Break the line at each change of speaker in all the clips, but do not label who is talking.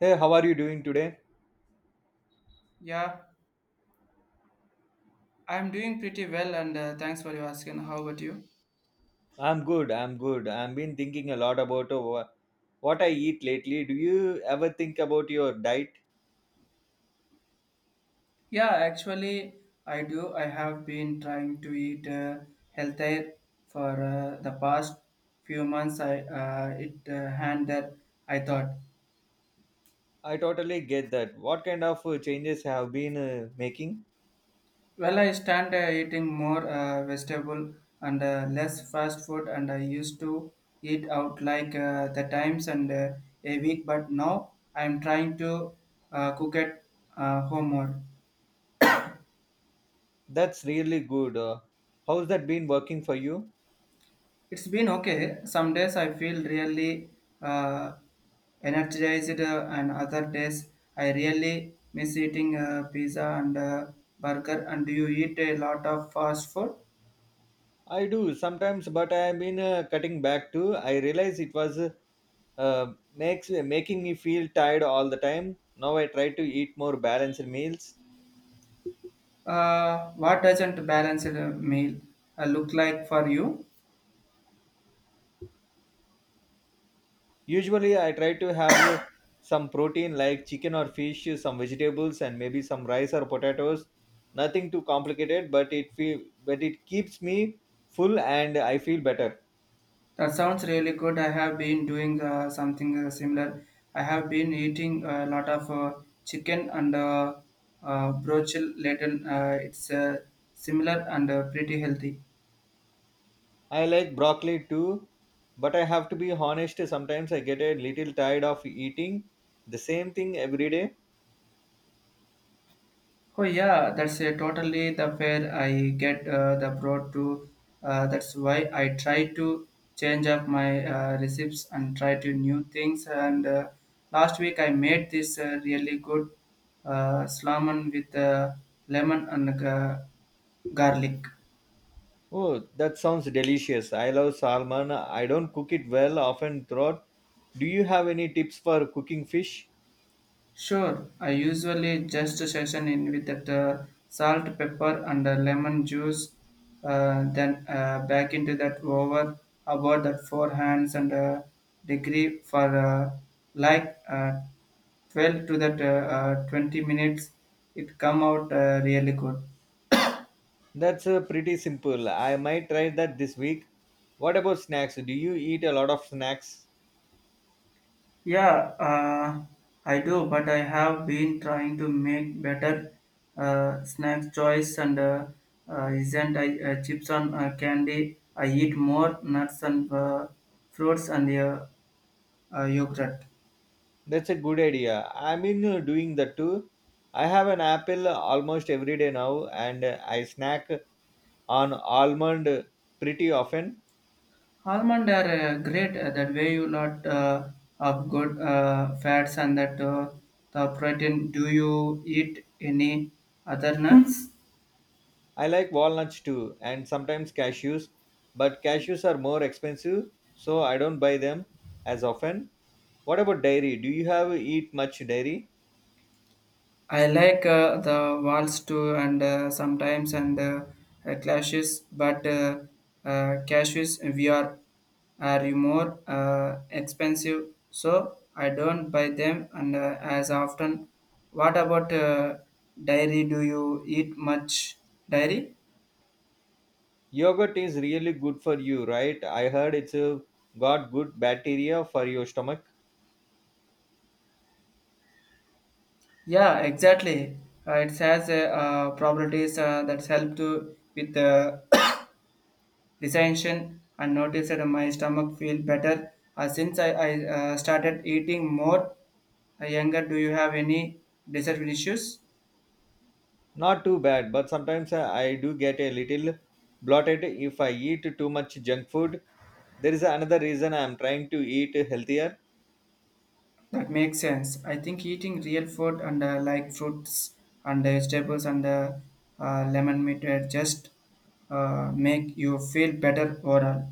Hey, how are you doing today?
Yeah, I'm doing pretty well, and thanks for your asking. How about you?
I'm good. I'm good. I've been thinking a lot about what I eat lately. Do you ever think about your diet?
Yeah, actually, I do. I have been trying to eat healthier for the past few months. I it hand that I thought.
I totally get that. What kind of changes have been making?
Well, I stand eating more vegetable and less fast food, and I used to eat out like the times and a week, but now I'm trying to cook at home more.
That's really good. How's that been working for you?
It's been okay. Some days I feel really uh, energized, and other days I really miss eating pizza and burger. And do you eat a lot of fast food?
I do sometimes, but I've been cutting back too. I realize it was makes making me feel tired all the time. Now I try to eat more balanced meals.
What doesn't balance meal look like for you?
Usually, I try to have some protein like chicken or fish, some vegetables, and maybe some rice or potatoes. Nothing too complicated, but it feel but it keeps me full and I feel better.
That sounds really good. I have been doing something similar. I have been eating a lot of chicken and broccoli later. It's similar and pretty healthy.
I like broccoli too, but I have to be honest. Sometimes I get a little tired of eating the same thing every day.
Oh yeah, that's a totally the fair I get the broad to. That's why I try to change up my recipes and try to new things. And last week I made this really good salmon with lemon and garlic.
Oh, that sounds delicious. I love salmon. I don't cook it well often throughout. Do you have any tips for cooking fish?
Sure, I usually just season in with that salt, pepper, and lemon juice. Then back into that over about that four hands and degree for like 12 to that 20 minutes. It come out really good.
That's pretty simple. I might try that this week. What about snacks? Do you eat a lot of snacks?
Yeah, I do, but I have been trying to make better snack choice and isn't I chips and candy. I eat more nuts and fruits and yogurt.
That's a good idea. I mean, doing that too. I have an apple almost every day now, and I snack on almond pretty often.
Almond are great. That way you lot of good fats and that the protein. Do you eat any other nuts?
I like walnuts too, and sometimes cashews, but cashews are more expensive, so I don't buy them as often. What about dairy? Do you have eat much dairy?
I like the walls too, and sometimes and clashes, but cashews we are you more expensive, so I don't buy them and as often. What about dairy? Do you eat much dairy?
Yogurt is really good for you, right? I heard it's got good bacteria for your stomach.
Yeah, exactly. It has properties that help to with the Recension and noticed that my stomach feel better since I started eating more younger. Do you have any dessert issues?
Not too bad, but sometimes I do get a little bloated if I eat too much junk food. There is another reason I am trying to eat healthier.
That makes sense. I think eating real food and like fruits and vegetables and lemon meat just make you feel better overall.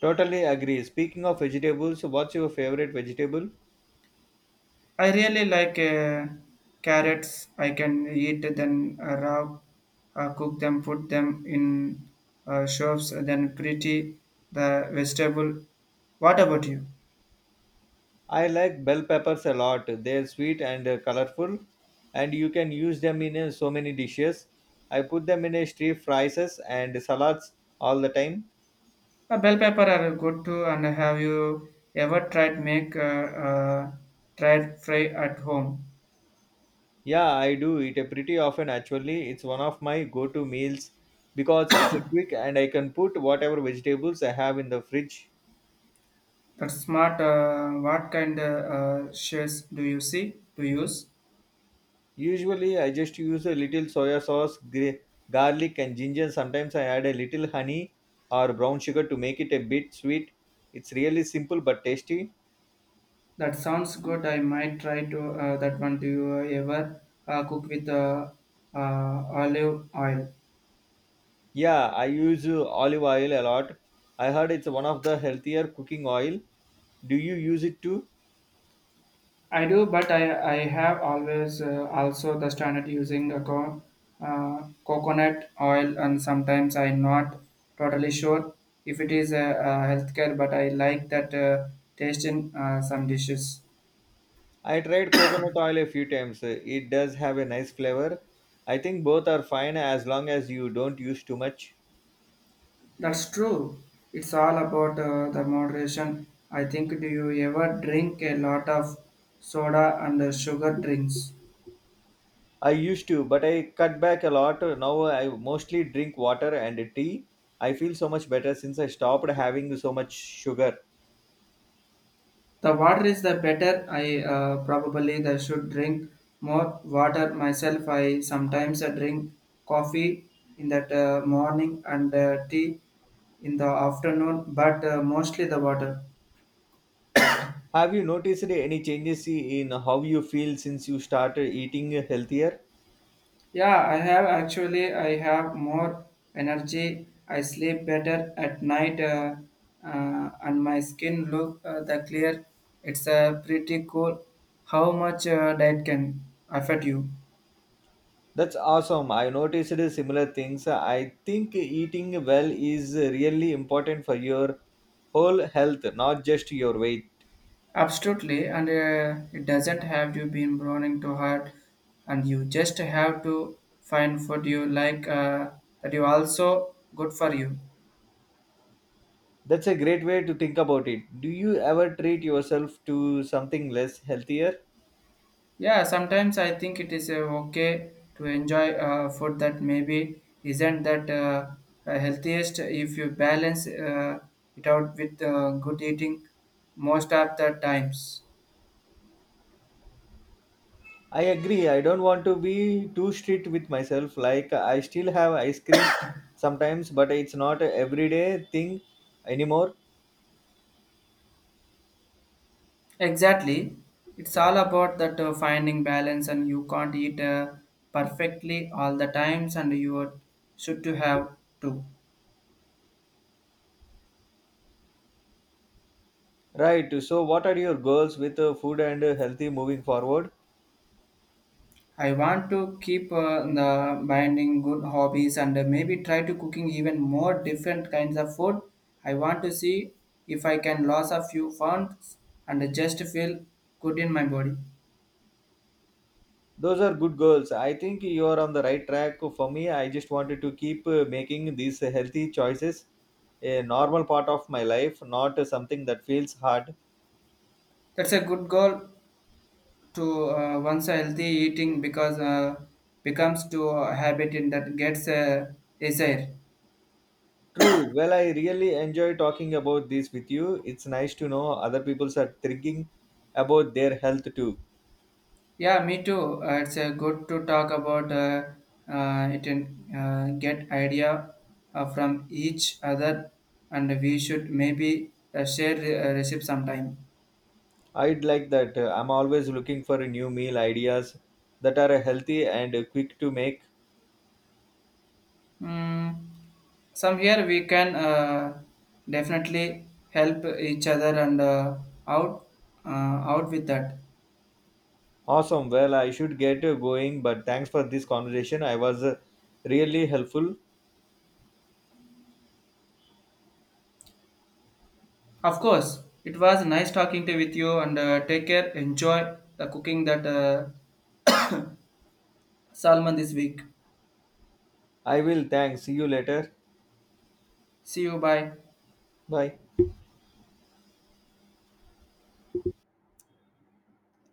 Totally agree. Speaking of vegetables, what's your favorite vegetable?
I really like carrots. I can eat them raw, cook them, put them in shops, then pretty the vegetable. What about you?
I like bell peppers a lot. They're sweet and colorful, and you can use them in so many dishes. I put them in stir fries and salads all the time.
Bell pepper are good too. And have you ever tried make uh, tried fry at home?
Yeah, I do eat it pretty often actually. It's one of my go-to meals because it's a quick and I can put whatever vegetables I have in the fridge.
That's smart. What kind of shells do you see to use?
Usually I just use a little soya sauce, garlic and ginger. Sometimes I add a little honey or brown sugar to make it a bit sweet. It's really simple but tasty.
That sounds good. I might try to that one. Do you ever cook with uh, olive oil?
Yeah, I use olive oil a lot. I heard it's one of the healthier cooking oil. Do you use it too?
I do, but I have always also the standard using a coconut oil, and sometimes I'm not totally sure if it is a, healthcare, but I like that taste in some dishes.
I tried coconut oil a few times. It does have a nice flavor. I think both are fine as long as you don't use too much.
That's true. It's all about the moderation. I think do you ever drink a lot of soda and sugar drinks?
I used to, but I cut back a lot. Now I mostly drink water and tea. I feel so much better since I stopped having so much sugar.
The water is the better. I probably the should drink more water myself. I sometimes drink coffee in that morning and tea in the afternoon, but mostly the water.
Have you noticed any changes in how you feel since you started eating healthier?
Yeah, I have actually. I have more energy. I sleep better at night, and my skin look the clear. It's pretty cool. How much diet can affect you?
That's awesome. I noticed similar things. I think eating well is really important for your whole health, not just your weight.
Absolutely, and it doesn't have to be burning too hard, and you just have to find food you like that you also good for you.
That's a great way to think about it. Do you ever treat yourself to something less healthier?
Yeah, sometimes I think it is okay to enjoy food that maybe isn't that healthiest if you balance it out with good eating most of the times.
I agree. I don't want to be too strict with myself. Like I still have ice cream sometimes, but it's not a everyday thing anymore.
Exactly. It's all about that finding balance and you can't eat perfectly all the times and you should to have too.
Right. So what are your goals with food and healthy moving forward?
I want to keep the binding good hobbies and maybe try to cooking even more different kinds of food. I want to see if I can lose a few pounds and just feel good in my body.
Those are good goals. I think you are on the right track. For me, I just wanted to keep making these healthy choices a normal part of my life, not something that feels hard.
That's a good goal to once a healthy eating because becomes to a habit in that gets a desire.
True. Well, I really enjoy talking about this with you. It's nice to know other people are thinking about their health too.
Yeah, me too. It's good to talk about it and get idea from each other, and we should maybe share recipe sometime.
I'd like that. I'm always looking for new meal ideas that are healthy and quick to make.
Mm, some we can definitely help each other and out uh, out with that.
Awesome. Well, I should get going, but thanks for this conversation. I was really helpful.
Of course, it was nice talking to with you and take care. Enjoy the cooking that salmon this week.
I will. Thanks. See you later.
See you. Bye.
Bye.